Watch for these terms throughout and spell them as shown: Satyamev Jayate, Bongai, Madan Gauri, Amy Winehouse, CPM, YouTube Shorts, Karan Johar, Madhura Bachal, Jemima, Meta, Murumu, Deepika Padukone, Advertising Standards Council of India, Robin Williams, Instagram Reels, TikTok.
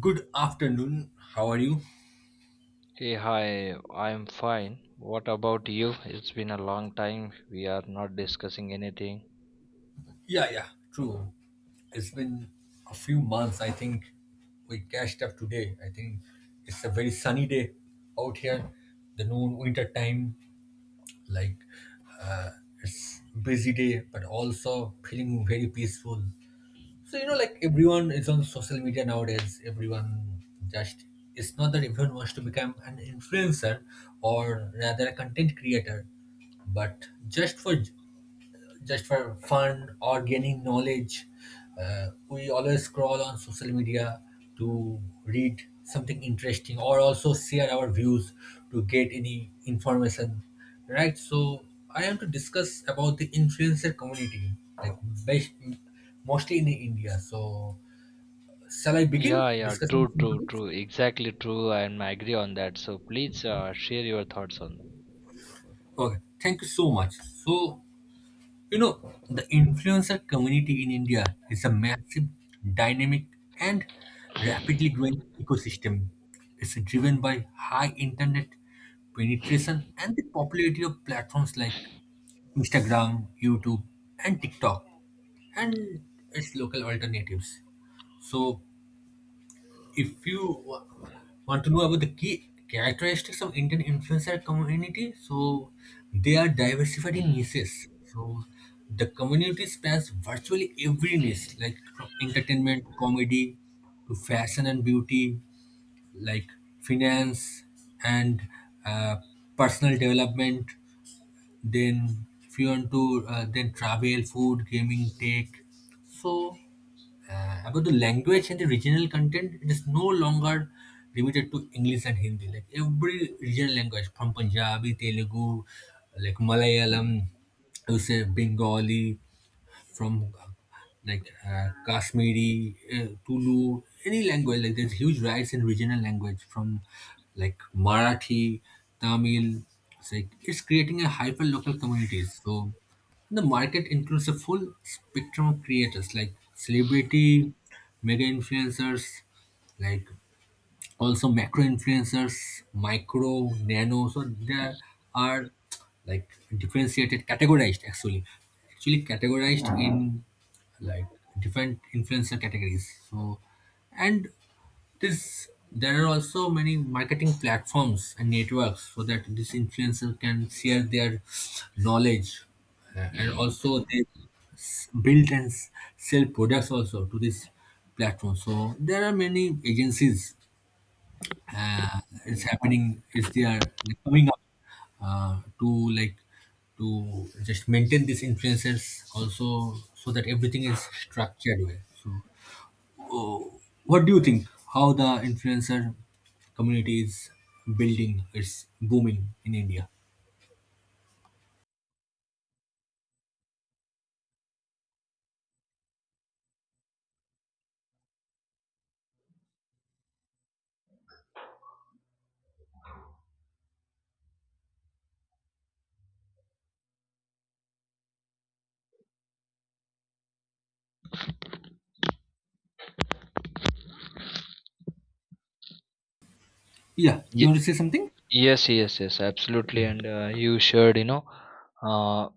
Good afternoon. How are you? Hey, hi, I'm fine. What about you? It's been a long time. We are not discussing anything. Yeah, yeah, true. It's been a few months. I think we catched up today. I think it's a very sunny day out here. The noon winter time, like uh, it's busy day, but also feeling very peaceful. So you know, like everyone is on social media nowadays. Everyone just it's not that everyone wants to become an influencer or rather a content creator, but just for fun or gaining knowledge. We always scroll on social media to read something interesting or also share our views to get any information, right? So I am to discuss about the influencer community, like based mostly in India. So shall I begin Yeah, yeah, discussing true, some true, topics? true. Exactly true. And I agree on that. So please share your thoughts on Okay, thank you so much. So you know, the influencer community in India is a massive, dynamic, and rapidly that. growing ecosystem. It's driven by high internet penetration and the popularity of platforms like Instagram, YouTube, and TikTok, and its local alternatives. So, if you want to know about the key characteristics of Indian influencer community, so they are diversified in niches. So the community spans virtually every niche, like from entertainment to comedy to fashion and beauty, like finance and uh, personal development. Then if you want to then travel, food, gaming, tech. So about the language and the regional content, it is no longer limited to English and Hindi. Like every regional language from Punjabi, Telugu, like Malayalam, you say Bengali, from like Kashmiri, Tulu, any language. Like there's huge rise in regional language from like Marathi, Tamil. It's creating a hyper local communities. So the market includes a full spectrum of creators like celebrity, mega influencers, like also macro influencers, micro, nano. So there are like differentiated, categorized actually categorized in like different influencer categories. So and this there are also many marketing platforms and networks so that this influencer can share their knowledge and also build and sell products also to this platform. So there are many agencies is happening is they're coming up to like to just maintain these influencers also so that everything is structured well. So, uh, what do you think? How the influencer community is building? It's booming in India. Yeah, you Ye- want to say something? yes, yes, yes, absolutely. And you shared, you know, uh,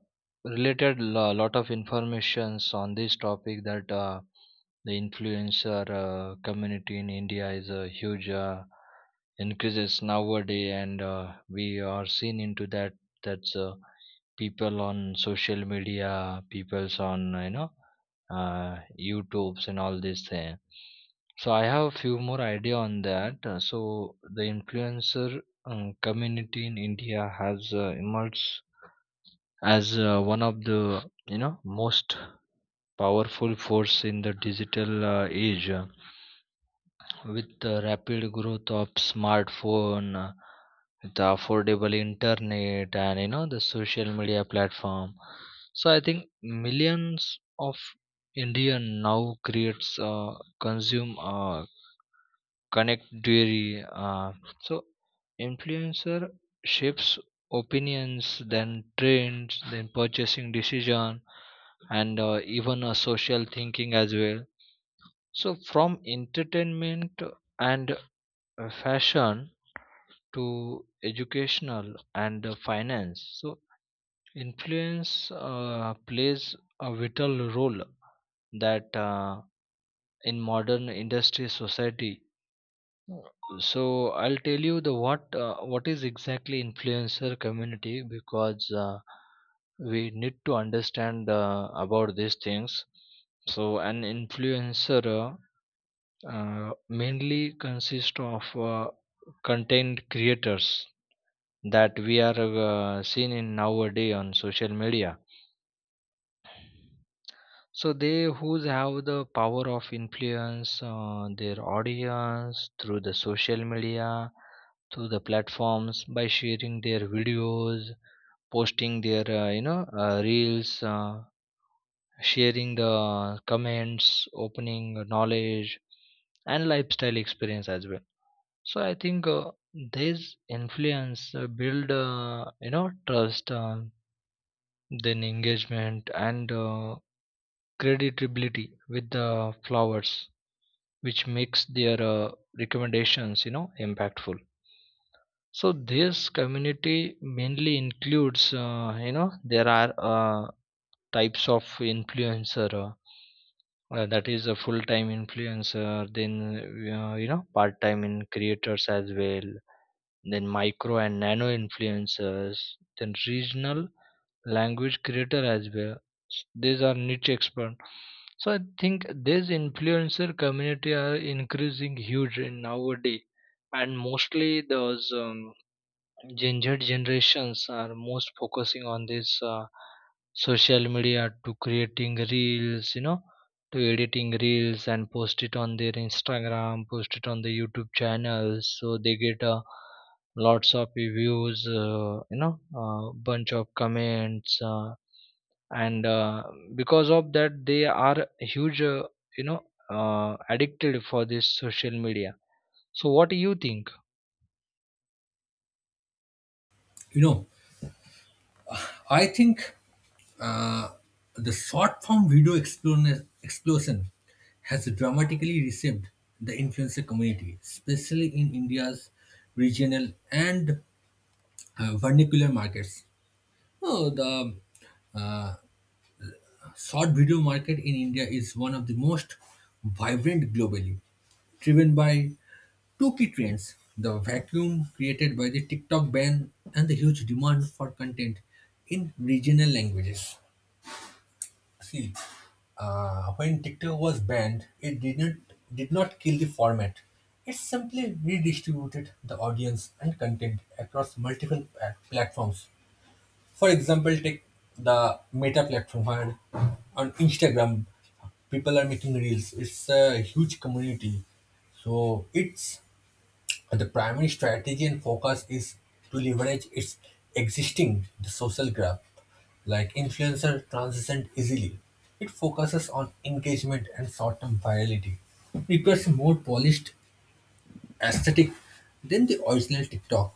related a lot of informations on this topic that the influencer community in India is a huge increases nowadays, and we are seen into that. That's people on social media, people's on you know uh, YouTube's and all this thing. So I have a few more idea on that. So the influencer community in India has emerged as one of the you know most powerful force in the digital age. With the rapid growth of smartphone, the affordable internet, and you know the social media platform, so I think millions of Indian now creates, consume, connect dairy. So influencer shapes opinions, then trends, then purchasing decision, and even a social thinking as well. So from entertainment and fashion to educational and finance so influence plays a vital role that in modern industry society so I'll tell you the what is exactly influencer community because we need to understand about these things so an influencer mainly consists of uh, content creators that we are seen in nowadays on social media. So they who's have the power of influence on their audience through the social media, through the platforms by sharing their videos, posting their you know reels, sharing the comments, opening knowledge and lifestyle experience as well. So I think this influence build you know trust. Then engagement and creditability with the flowers which makes their recommendations you know impactful so this community mainly includes you know there are types of influencer that is a full-time influencer then you know part-time in creators as well then micro and nano influencers then regional language creator as well these are niche expert so I think this influencer community are increasing huge in nowadays and mostly those Gen Z generations are most focusing on this social media to creating reels, you know, to editing reels and post it on their Instagram, post it on the YouTube channels. So they get lots of views, you know, bunch of comments, and because of that, they are huge, you know, addicted for this social media. So what do you think? You know, I think Uh, The short form video explosion has dramatically reshaped the influencer community, especially in India's regional and vernacular markets. Oh, the uh, short video market in India is one of the most vibrant globally, driven by two key trends: the vacuum created by the TikTok ban and the huge demand for content in regional languages. See, when TikTok was banned, it did not kill the format. It simply redistributed the audience and content across multiple platforms. For example, take the Meta platform where on Instagram people are making reels. It's a huge community, so it's and the primary strategy and focus is to leverage its existing the social graph, like influencer transcend easily. It focuses on engagement and short-term virality. Requires a more polished aesthetic than the original TikTok.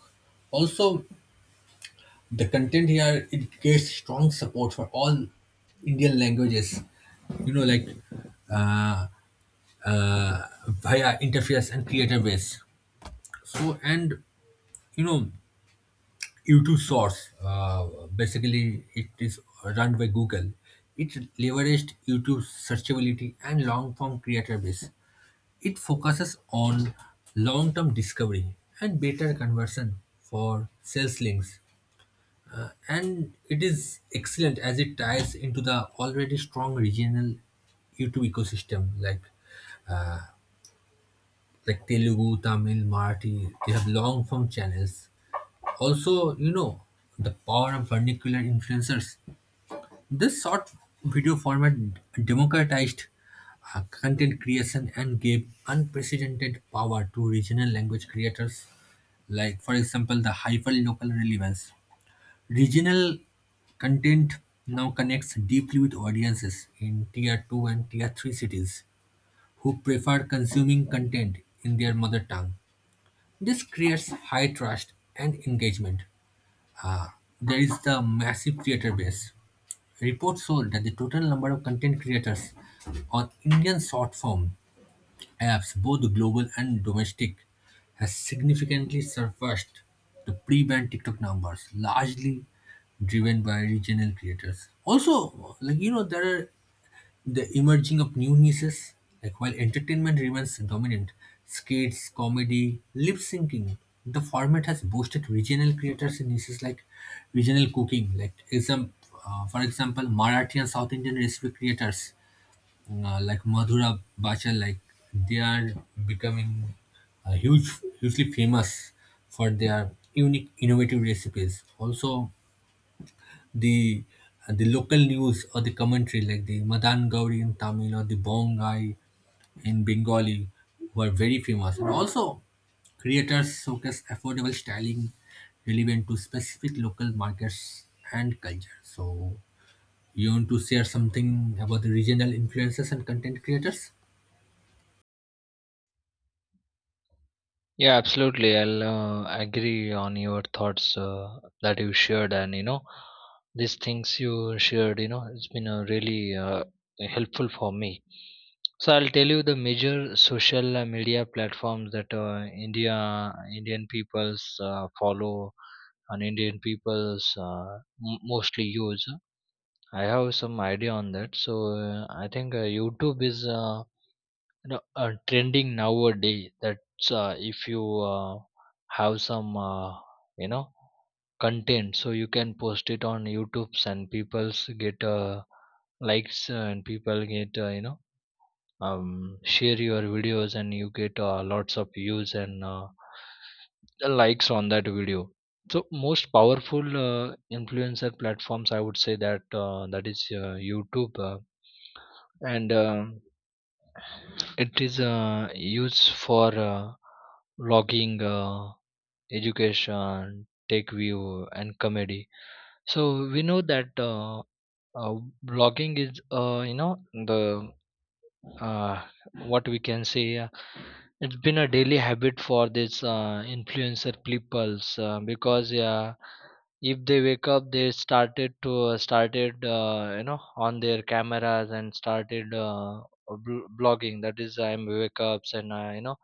Also, the content here it gets strong support for all Indian languages. You know, like uh, via interface and creator base. So and you know YouTube source, basically it is run by Google. It leveraged YouTube's searchability and long-form creator base. It focuses on long-term discovery and better conversion for sales links. And it is excellent as it ties into the already strong regional YouTube ecosystem like Telugu, Tamil, Marathi. They have long form channels. Also, you know the power of vernacular influencers. This short video format democratized content creation and gave unprecedented power to regional language creators, like, for example, the hyperlocal relevance. Regional content now connects deeply with audiences in tier 2 and tier 3 cities who prefer consuming content in their mother tongue. This creates high trust and engagement. There is the massive creator base. Reports showed that the total number of content creators on Indian short-form apps, both global and domestic, has significantly surpassed the pre-ban TikTok numbers, largely driven by regional creators. Also, like you know, there are the emerging of new niches. Like while entertainment remains dominant, skits, comedy, lip syncing, the format has boosted regional creators in niches like regional cooking. Like for example, Marathi and South Indian recipe creators like Madhura Bachal, like they are becoming uh, huge, hugely famous for their unique, innovative recipes. Also, the the local news or the commentary like the Madan Gauri in Tamil or the Bongai in Bengali were very famous. And also, creators showcase affordable styling relevant to specific local markets and culture. So, you want to share something about the regional influencers and content creators? Yeah, absolutely. I'll agree on your thoughts that you shared, and you know, these things you shared, you know, it's been really helpful for me. So I'll tell you the major social media platforms that Indian peoples follow and Indian peoples mostly use. I have some idea on that. So I think YouTube is. Know, trending nowadays that's if you have some you know content so you can post it on youtubes and people's get likes and people get you know share your videos and you get lots of views and the likes on that video so most powerful influencer platforms I would say that that is YouTube and it is used for logging, education, tech view, and comedy. So we know that uh, blogging is you know the uh, what we can say it's been a daily habit for these influencer peoples because if they wake up they started to started you know on their cameras and started blogging that is I'm wake ups and you know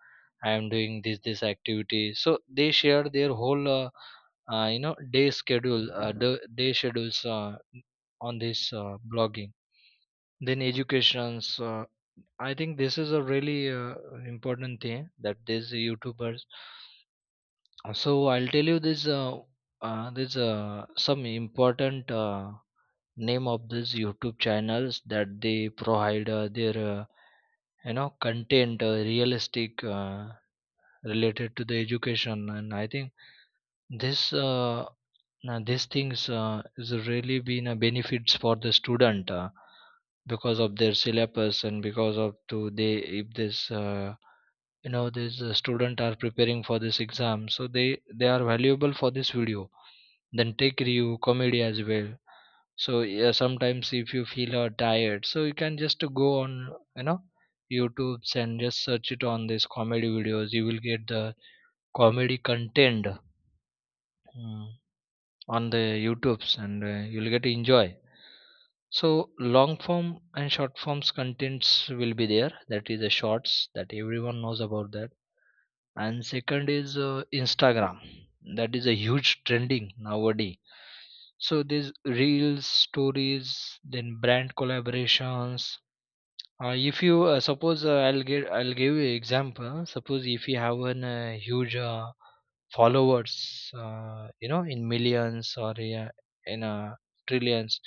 I am doing this activity so they share their whole you know day schedule the day schedules on this blogging then educations I think this is a really important thing that these youtubers so I'll tell you this this some important name of these YouTube channels that they provide their you know content realistic related to the education and I think this now these things is really been a benefits for the student because of their syllabus and because of to they if this you know this student are preparing for this exam so they are valuable for this video then take review comedy as well so yeah, sometimes if you feel tired so you can just go on you know YouTube's and just search it on this comedy videos you will get the comedy content. Hmm. On the YouTubes and you'll get to enjoy. So long form and short forms contents will be there. That is the shorts that everyone knows about that. And second is Instagram. That is a huge trending nowadays. So these reels, stories, then brand collaborations. If you suppose I'll give you example. Suppose if you have an huge followers you know in millions or yeah, in trillions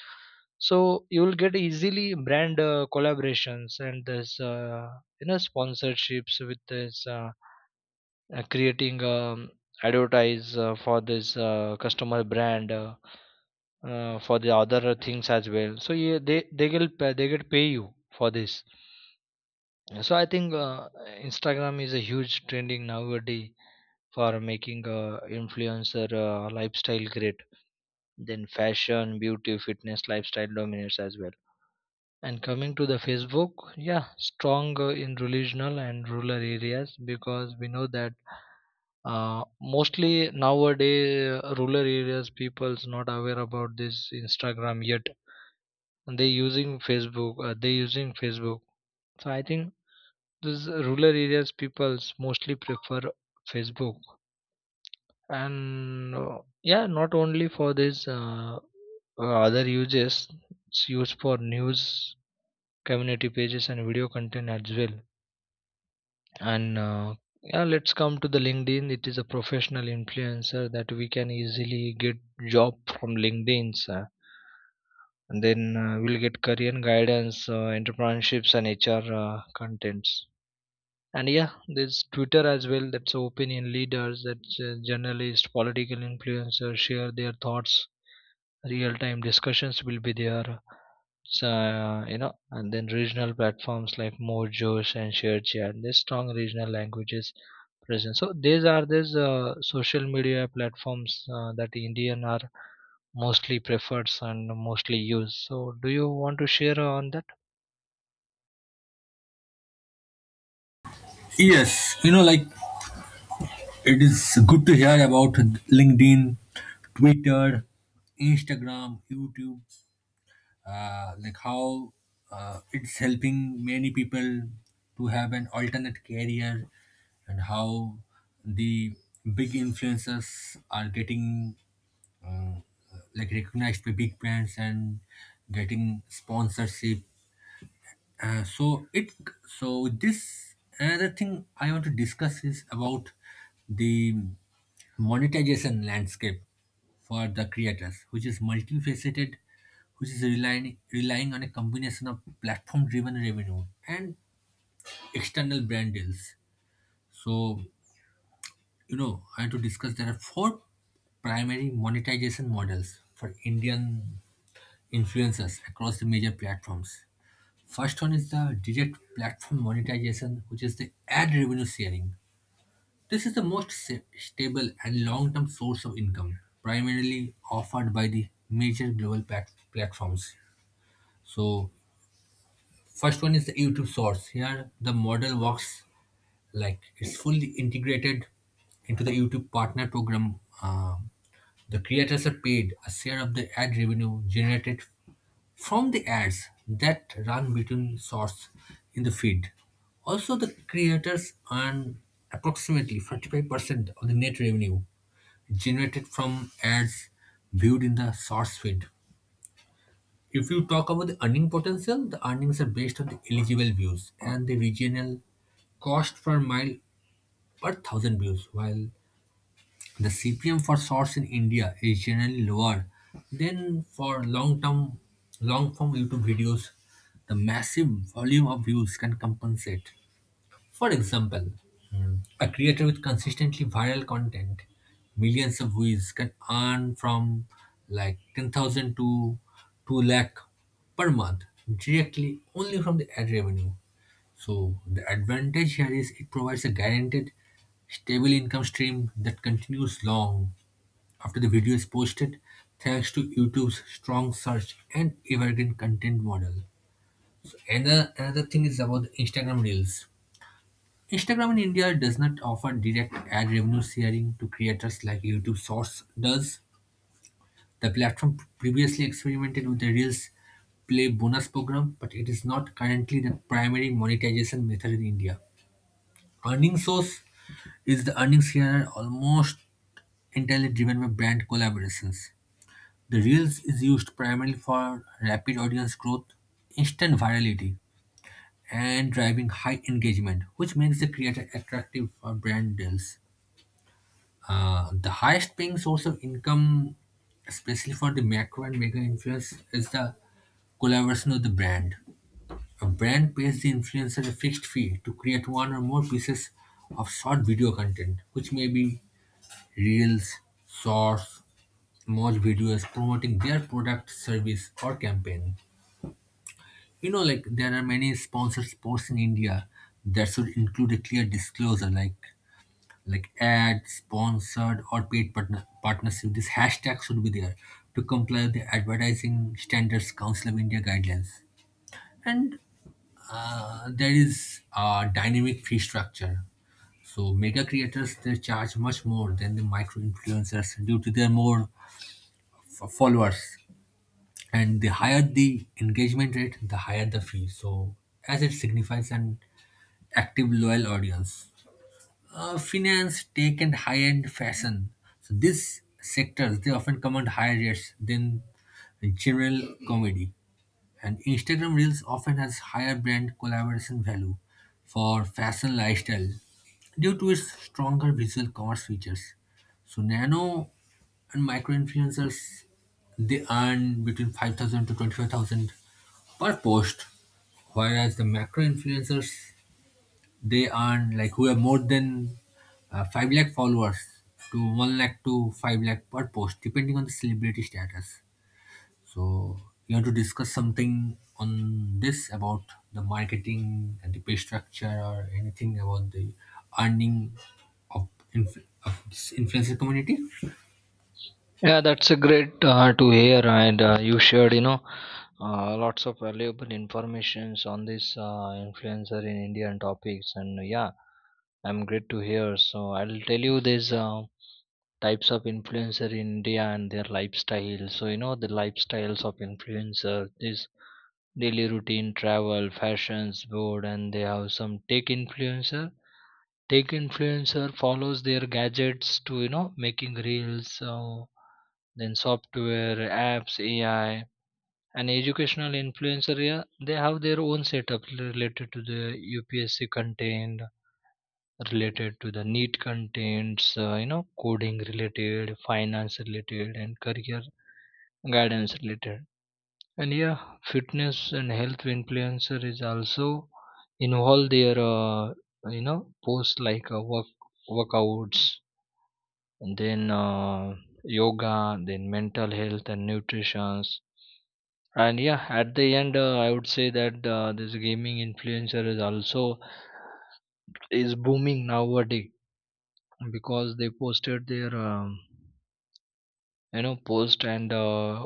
so you will get easily brand collaborations and this you know sponsorships with this creating advertise for this customer brand for the other things as well so yeah, they will pay, they get pay you for this so I think Instagram is a huge trending nowadays for making influencer lifestyle great then fashion beauty fitness lifestyle dominates as well and coming to the Facebook yeah strong in regional and rural areas because we know that mostly nowadays rural areas people's not aware about this Instagram yet and they using Facebook they using Facebook so I think this rural areas people's mostly prefer Facebook and yeah not only for this other uses it's used for news community pages and video content as well and yeah let's come to the LinkedIn it is a professional influencer that we can easily get job from LinkedIn sir. And then we'll get career guidance entrepreneurships and HR contents and yeah there's Twitter as well that's opinion leaders that's journalists political influencers share their thoughts real time discussions will be there so you know and then regional platforms like mojos and sharechat there's strong regional languages present so these are these social media platforms that Indian are mostly preferred and mostly used so do you want to share on that. Yes, you know, like it is good to hear about LinkedIn, Twitter, Instagram, YouTube, like how it's helping many people to have an alternate career and how the big influencers are getting uh, like recognized by big brands and getting sponsorship so it so this another thing I want to discuss is about the monetization landscape for the creators, which is multifaceted, which is relying on a combination of platform-driven revenue and external brand deals. So you know I want to discuss there are 4 primary monetization models for Indian influencers across the major platforms. First one is the direct platform monetization, which is the ad revenue sharing. This is the most stable and long term source of income, primarily offered by the major global platforms. So, first one is the YouTube source. Here, the model works like it's fully integrated into the YouTube partner program. The creators are paid a share of the ad revenue generated from the ads that run between shots in the feed. Also, the creators earn approximately 45% of the net revenue generated from ads viewed in the source feed. If you talk about the earning potential, the earnings are based on the eligible views and the regional cost per mile per thousand views, while the CPM for shorts in India is generally lower than for long-form YouTube videos. The massive volume of views can compensate. For example, a creator with consistently viral content, millions of views, can earn from like 10,000 to 2 lakh per month directly only from the ad revenue. So the advantage here is it provides a guaranteed stable income stream that continues long after the video is posted thanks to YouTube's strong search and evergreen content model. Another thing is about Instagram Reels. Instagram in India does not offer direct ad revenue sharing to creators like YouTube Shorts does. The platform previously experimented with the Reels Play bonus program, but it is not currently the primary monetization method in India. Earning source is the earning share almost entirely driven by brand collaborations. The Reels is used primarily for rapid audience growth, instant virality, and driving high engagement, which makes the creator attractive for brand deals. The highest paying source of income, especially for the macro and mega influence, is the collaboration of the brand. A brand pays the influencer a fixed fee to create one or more pieces of short video content, which may be reels, shorts, more videos promoting their product, service, or campaign. You know, like there are many sponsors posts in India that should include a clear disclosure like ads, sponsored or partnership. This hashtag should be there to comply with the Advertising Standards Council of India guidelines. There is a dynamic fee structure. So mega creators they charge much more than the micro influencers due to their more followers. And the higher the engagement rate, the higher the fee. So as it signifies an active loyal audience. Uh, finance, tech, and high-end fashion. So these sectors they often command higher rates than general comedy. And Instagram Reels often has higher brand collaboration value for fashion lifestyle due to its stronger visual commerce features. So nano and micro influencers they earn between 5,000 to 25,000 per post, whereas the macro influencers they earn like who have more than 5 lakh followers to 1 lakh to 5 lakh per post depending on the celebrity status. So you want to discuss something on this about the marketing and the pay structure or anything about the earning of, of this influencer community? Yeah that's a great to hear and you shared you know lots of valuable informations on this influencer in India and topics and yeah I'm great to hear so I'll tell you these types of influencer in India and their lifestyle so you know the lifestyles of influencer this daily routine travel fashions board and they have some tech influencer follows their gadgets to you know making reels then software apps AI and educational influencer yeah, they have their own setup related to the UPSC content related to the neat contents you know coding related finance related and career guidance related and yeah fitness and health influencer is also involve their you know post like work workouts and then yoga then mental health and nutrition and yeah at the end I would say that this gaming influencer is also is booming nowadays because they posted their you know post and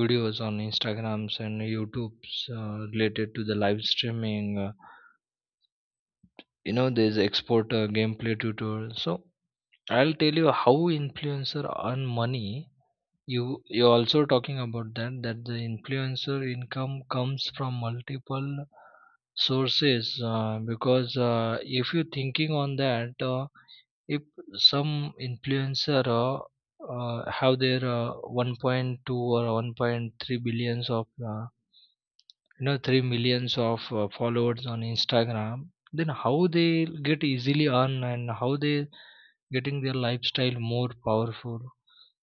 videos on instagrams and youtubes related to the live streaming you know there's export gameplay tutorial so I'll tell you how influencer earn money you also talking about that that the influencer income comes from multiple sources because if you thinking on that if some influencer have their 1.2 or 1.3 billions of uh, you know 3 millions of followers on Instagram then how they get easily on and how they getting their lifestyle more powerful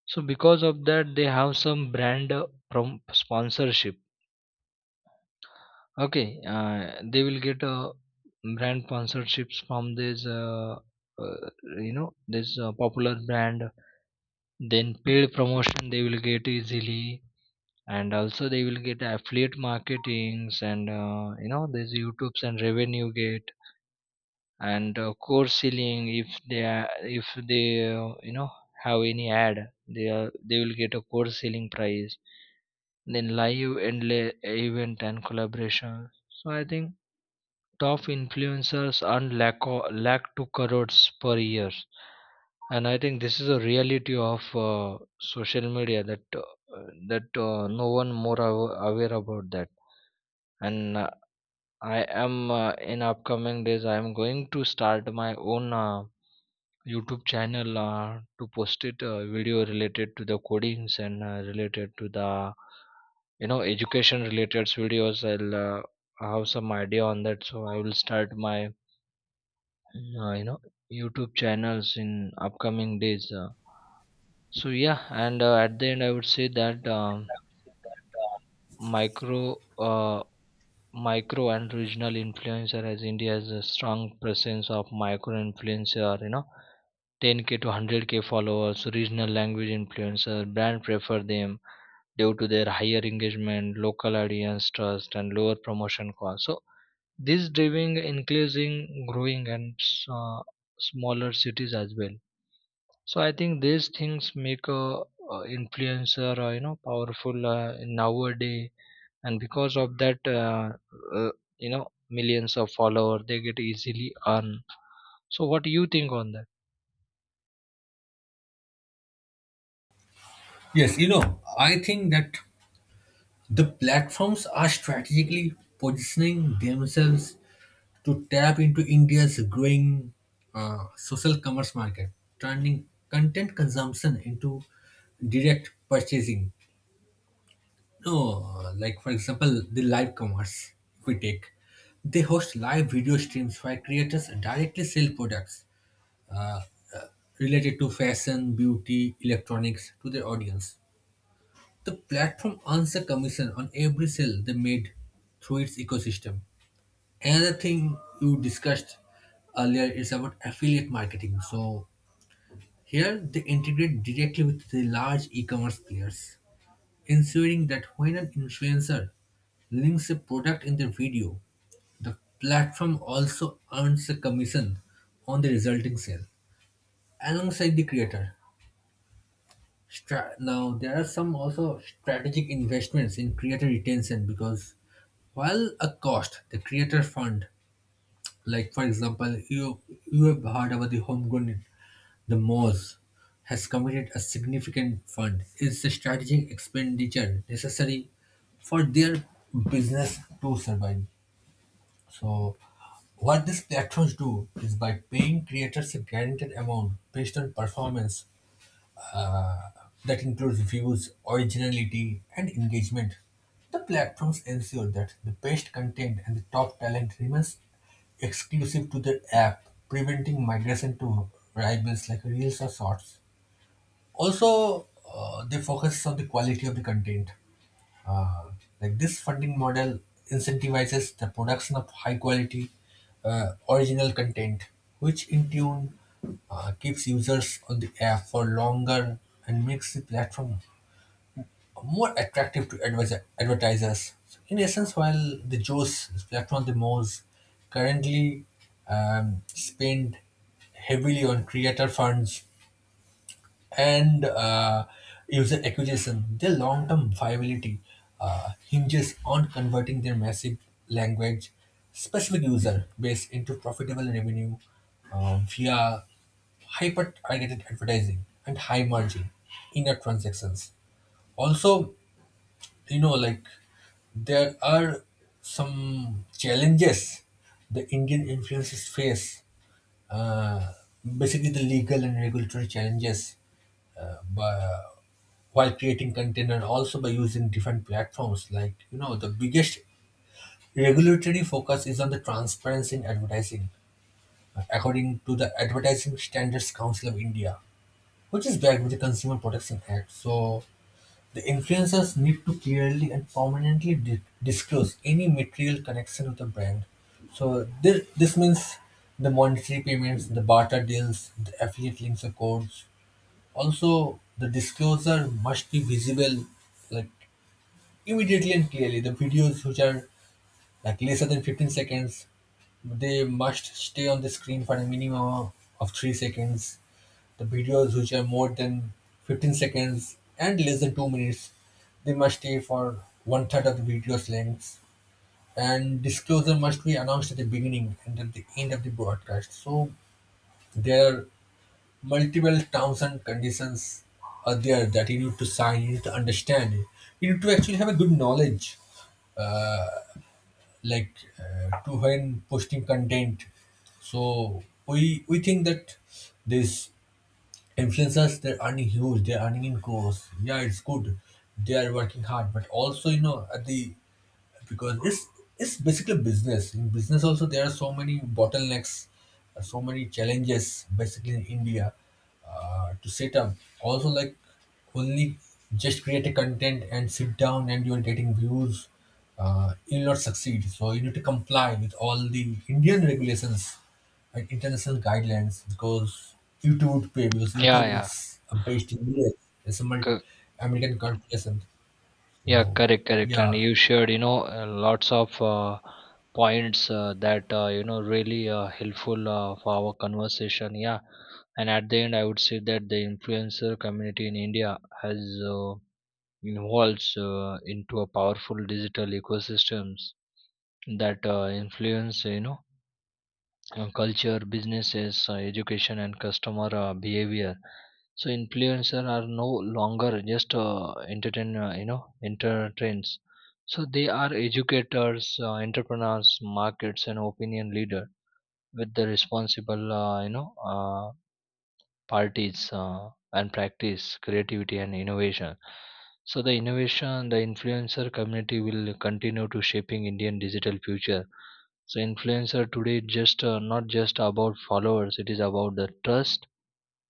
so because of that they have some brand sponsorship okay uh, they will get brand sponsorships from this uh, you know this popular brand then paid promotion they will get easily and also they will get affiliate marketings and you know there's youtubes and revenue gate and course selling if they are if they you know have any ad they will get a course selling price then live and event and collaboration so I think top influencers earn lakh to crores per year. And I think this is a reality of social media that no one more aware about that. And I am in upcoming days. I am going to start my own YouTube channel to post it video related to the codings and related to the you know education related videos. I'll have some idea on that, so I will start my you know YouTube channels in upcoming days So yeah and at the end I would say that micro micro and regional influencer as India has a strong presence of micro influencer you know 10k to 100k followers regional language influencer brand prefer them due to their higher engagement local audience trust and lower promotion cost so this driving increasing growing and uh, smaller cities as well. So I think these things make a, influencer, you know, powerful nowadays, and because of that, uh, you know, millions of followers they get easily earned. So what do you think on that? Yes, you know, I think that the platforms are strategically positioning themselves to tap into India's growing social commerce market, turning content consumption into direct purchasing. No, like for example, the live commerce if we take, they host live video streams where creators directly sell products uh, uh, related to fashion, beauty, electronics to their audience. The platform earns a commission on every sale they made through its ecosystem. Another thing you discussed earlier is about affiliate marketing. So here they integrate directly with the large e-commerce players, ensuring that when an influencer links a product in their video, the platform also earns a commission on the resulting sale alongside the creator. Now there are some also strategic investments in creator retention because while a cost, the creator fund. Like for example, you have heard about the homegrown. The Moz has committed a significant fund. It's a strategic expenditure necessary for their business to survive. So, what these platforms do is by paying creators a guaranteed amount based on performance uh, that includes views, originality, and engagement. The platforms ensure that the best content and the top talent remains exclusive to their app, preventing migration to rivals like Reels or Shorts. Also, they focus on the quality of the content. Uh, like this funding model incentivizes the production of high quality original content, which in tune keeps users on the app for longer and makes the platform more attractive to advertisers. So in essence, while the JOS platform, the most currently spend heavily on creator funds and user acquisition, their long-term viability hinges on converting their massive language specific user base into profitable revenue via hyper-targeted advertising and high margin in-app transactions. Also, you know, like there are some challenges the Indian influencers face, uh, basically the legal and regulatory challenges, but while creating content and also by using different platforms, the biggest regulatory focus is on the transparency in advertising, according to the Advertising Standards Council of India, which is backed with the Consumer Protection Act. So the influencers need to clearly and permanently disclose any material connection with the brand. So this means the monetary payments, the barter deals, the affiliate links or codes. Also, the disclosure must be visible, like immediately and clearly. The videos which are like lesser than 15 seconds, they must stay on the screen for a minimum of 3 seconds. The videos which are more than 15 seconds and less than 2 minutes, they must stay for one third of the video's length. And disclosure must be announced at the beginning and at the end of the broadcast. So there are multiple terms and conditions are there that you need to sign, you need to understand. You need to actually have a good knowledge, uh, like to when posting content. So we think that these influencers they're earning huge, they're earning in crores. Yeah, it's good. They are working hard, but also you know at the because it's basically business. In business also there are so many bottlenecks, so many challenges basically in India to set up. Also like only just create a content and sit down and you're getting views, you'll not succeed. So you need to comply with all the Indian regulations and international guidelines because YouTube would pay because Yeah, YouTube yeah, is based in US. It's a co- American corporation. yeah, So correct, correct. And yeah. you shared, you know, lots of points that you know really helpful for our conversation. Yeah, and at the end, I would say that the influencer community in India has. Uh, Involves into a powerful digital ecosystems that influence you know culture businesses education and customer behavior so influencer are no longer just entertain you know entertains so they are educators entrepreneurs markets and opinion leader with the responsible you know parties and practice creativity and innovation so the innovation the influencer community will continue to shaping Indian digital future so influencer today is just not just about followers it is about the trust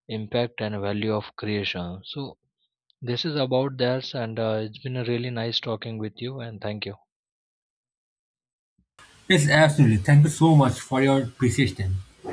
impact and value of creation so this is about that and it's been a really nice talking with you and thank you. Yes, absolutely. Thank you so much for your persistence.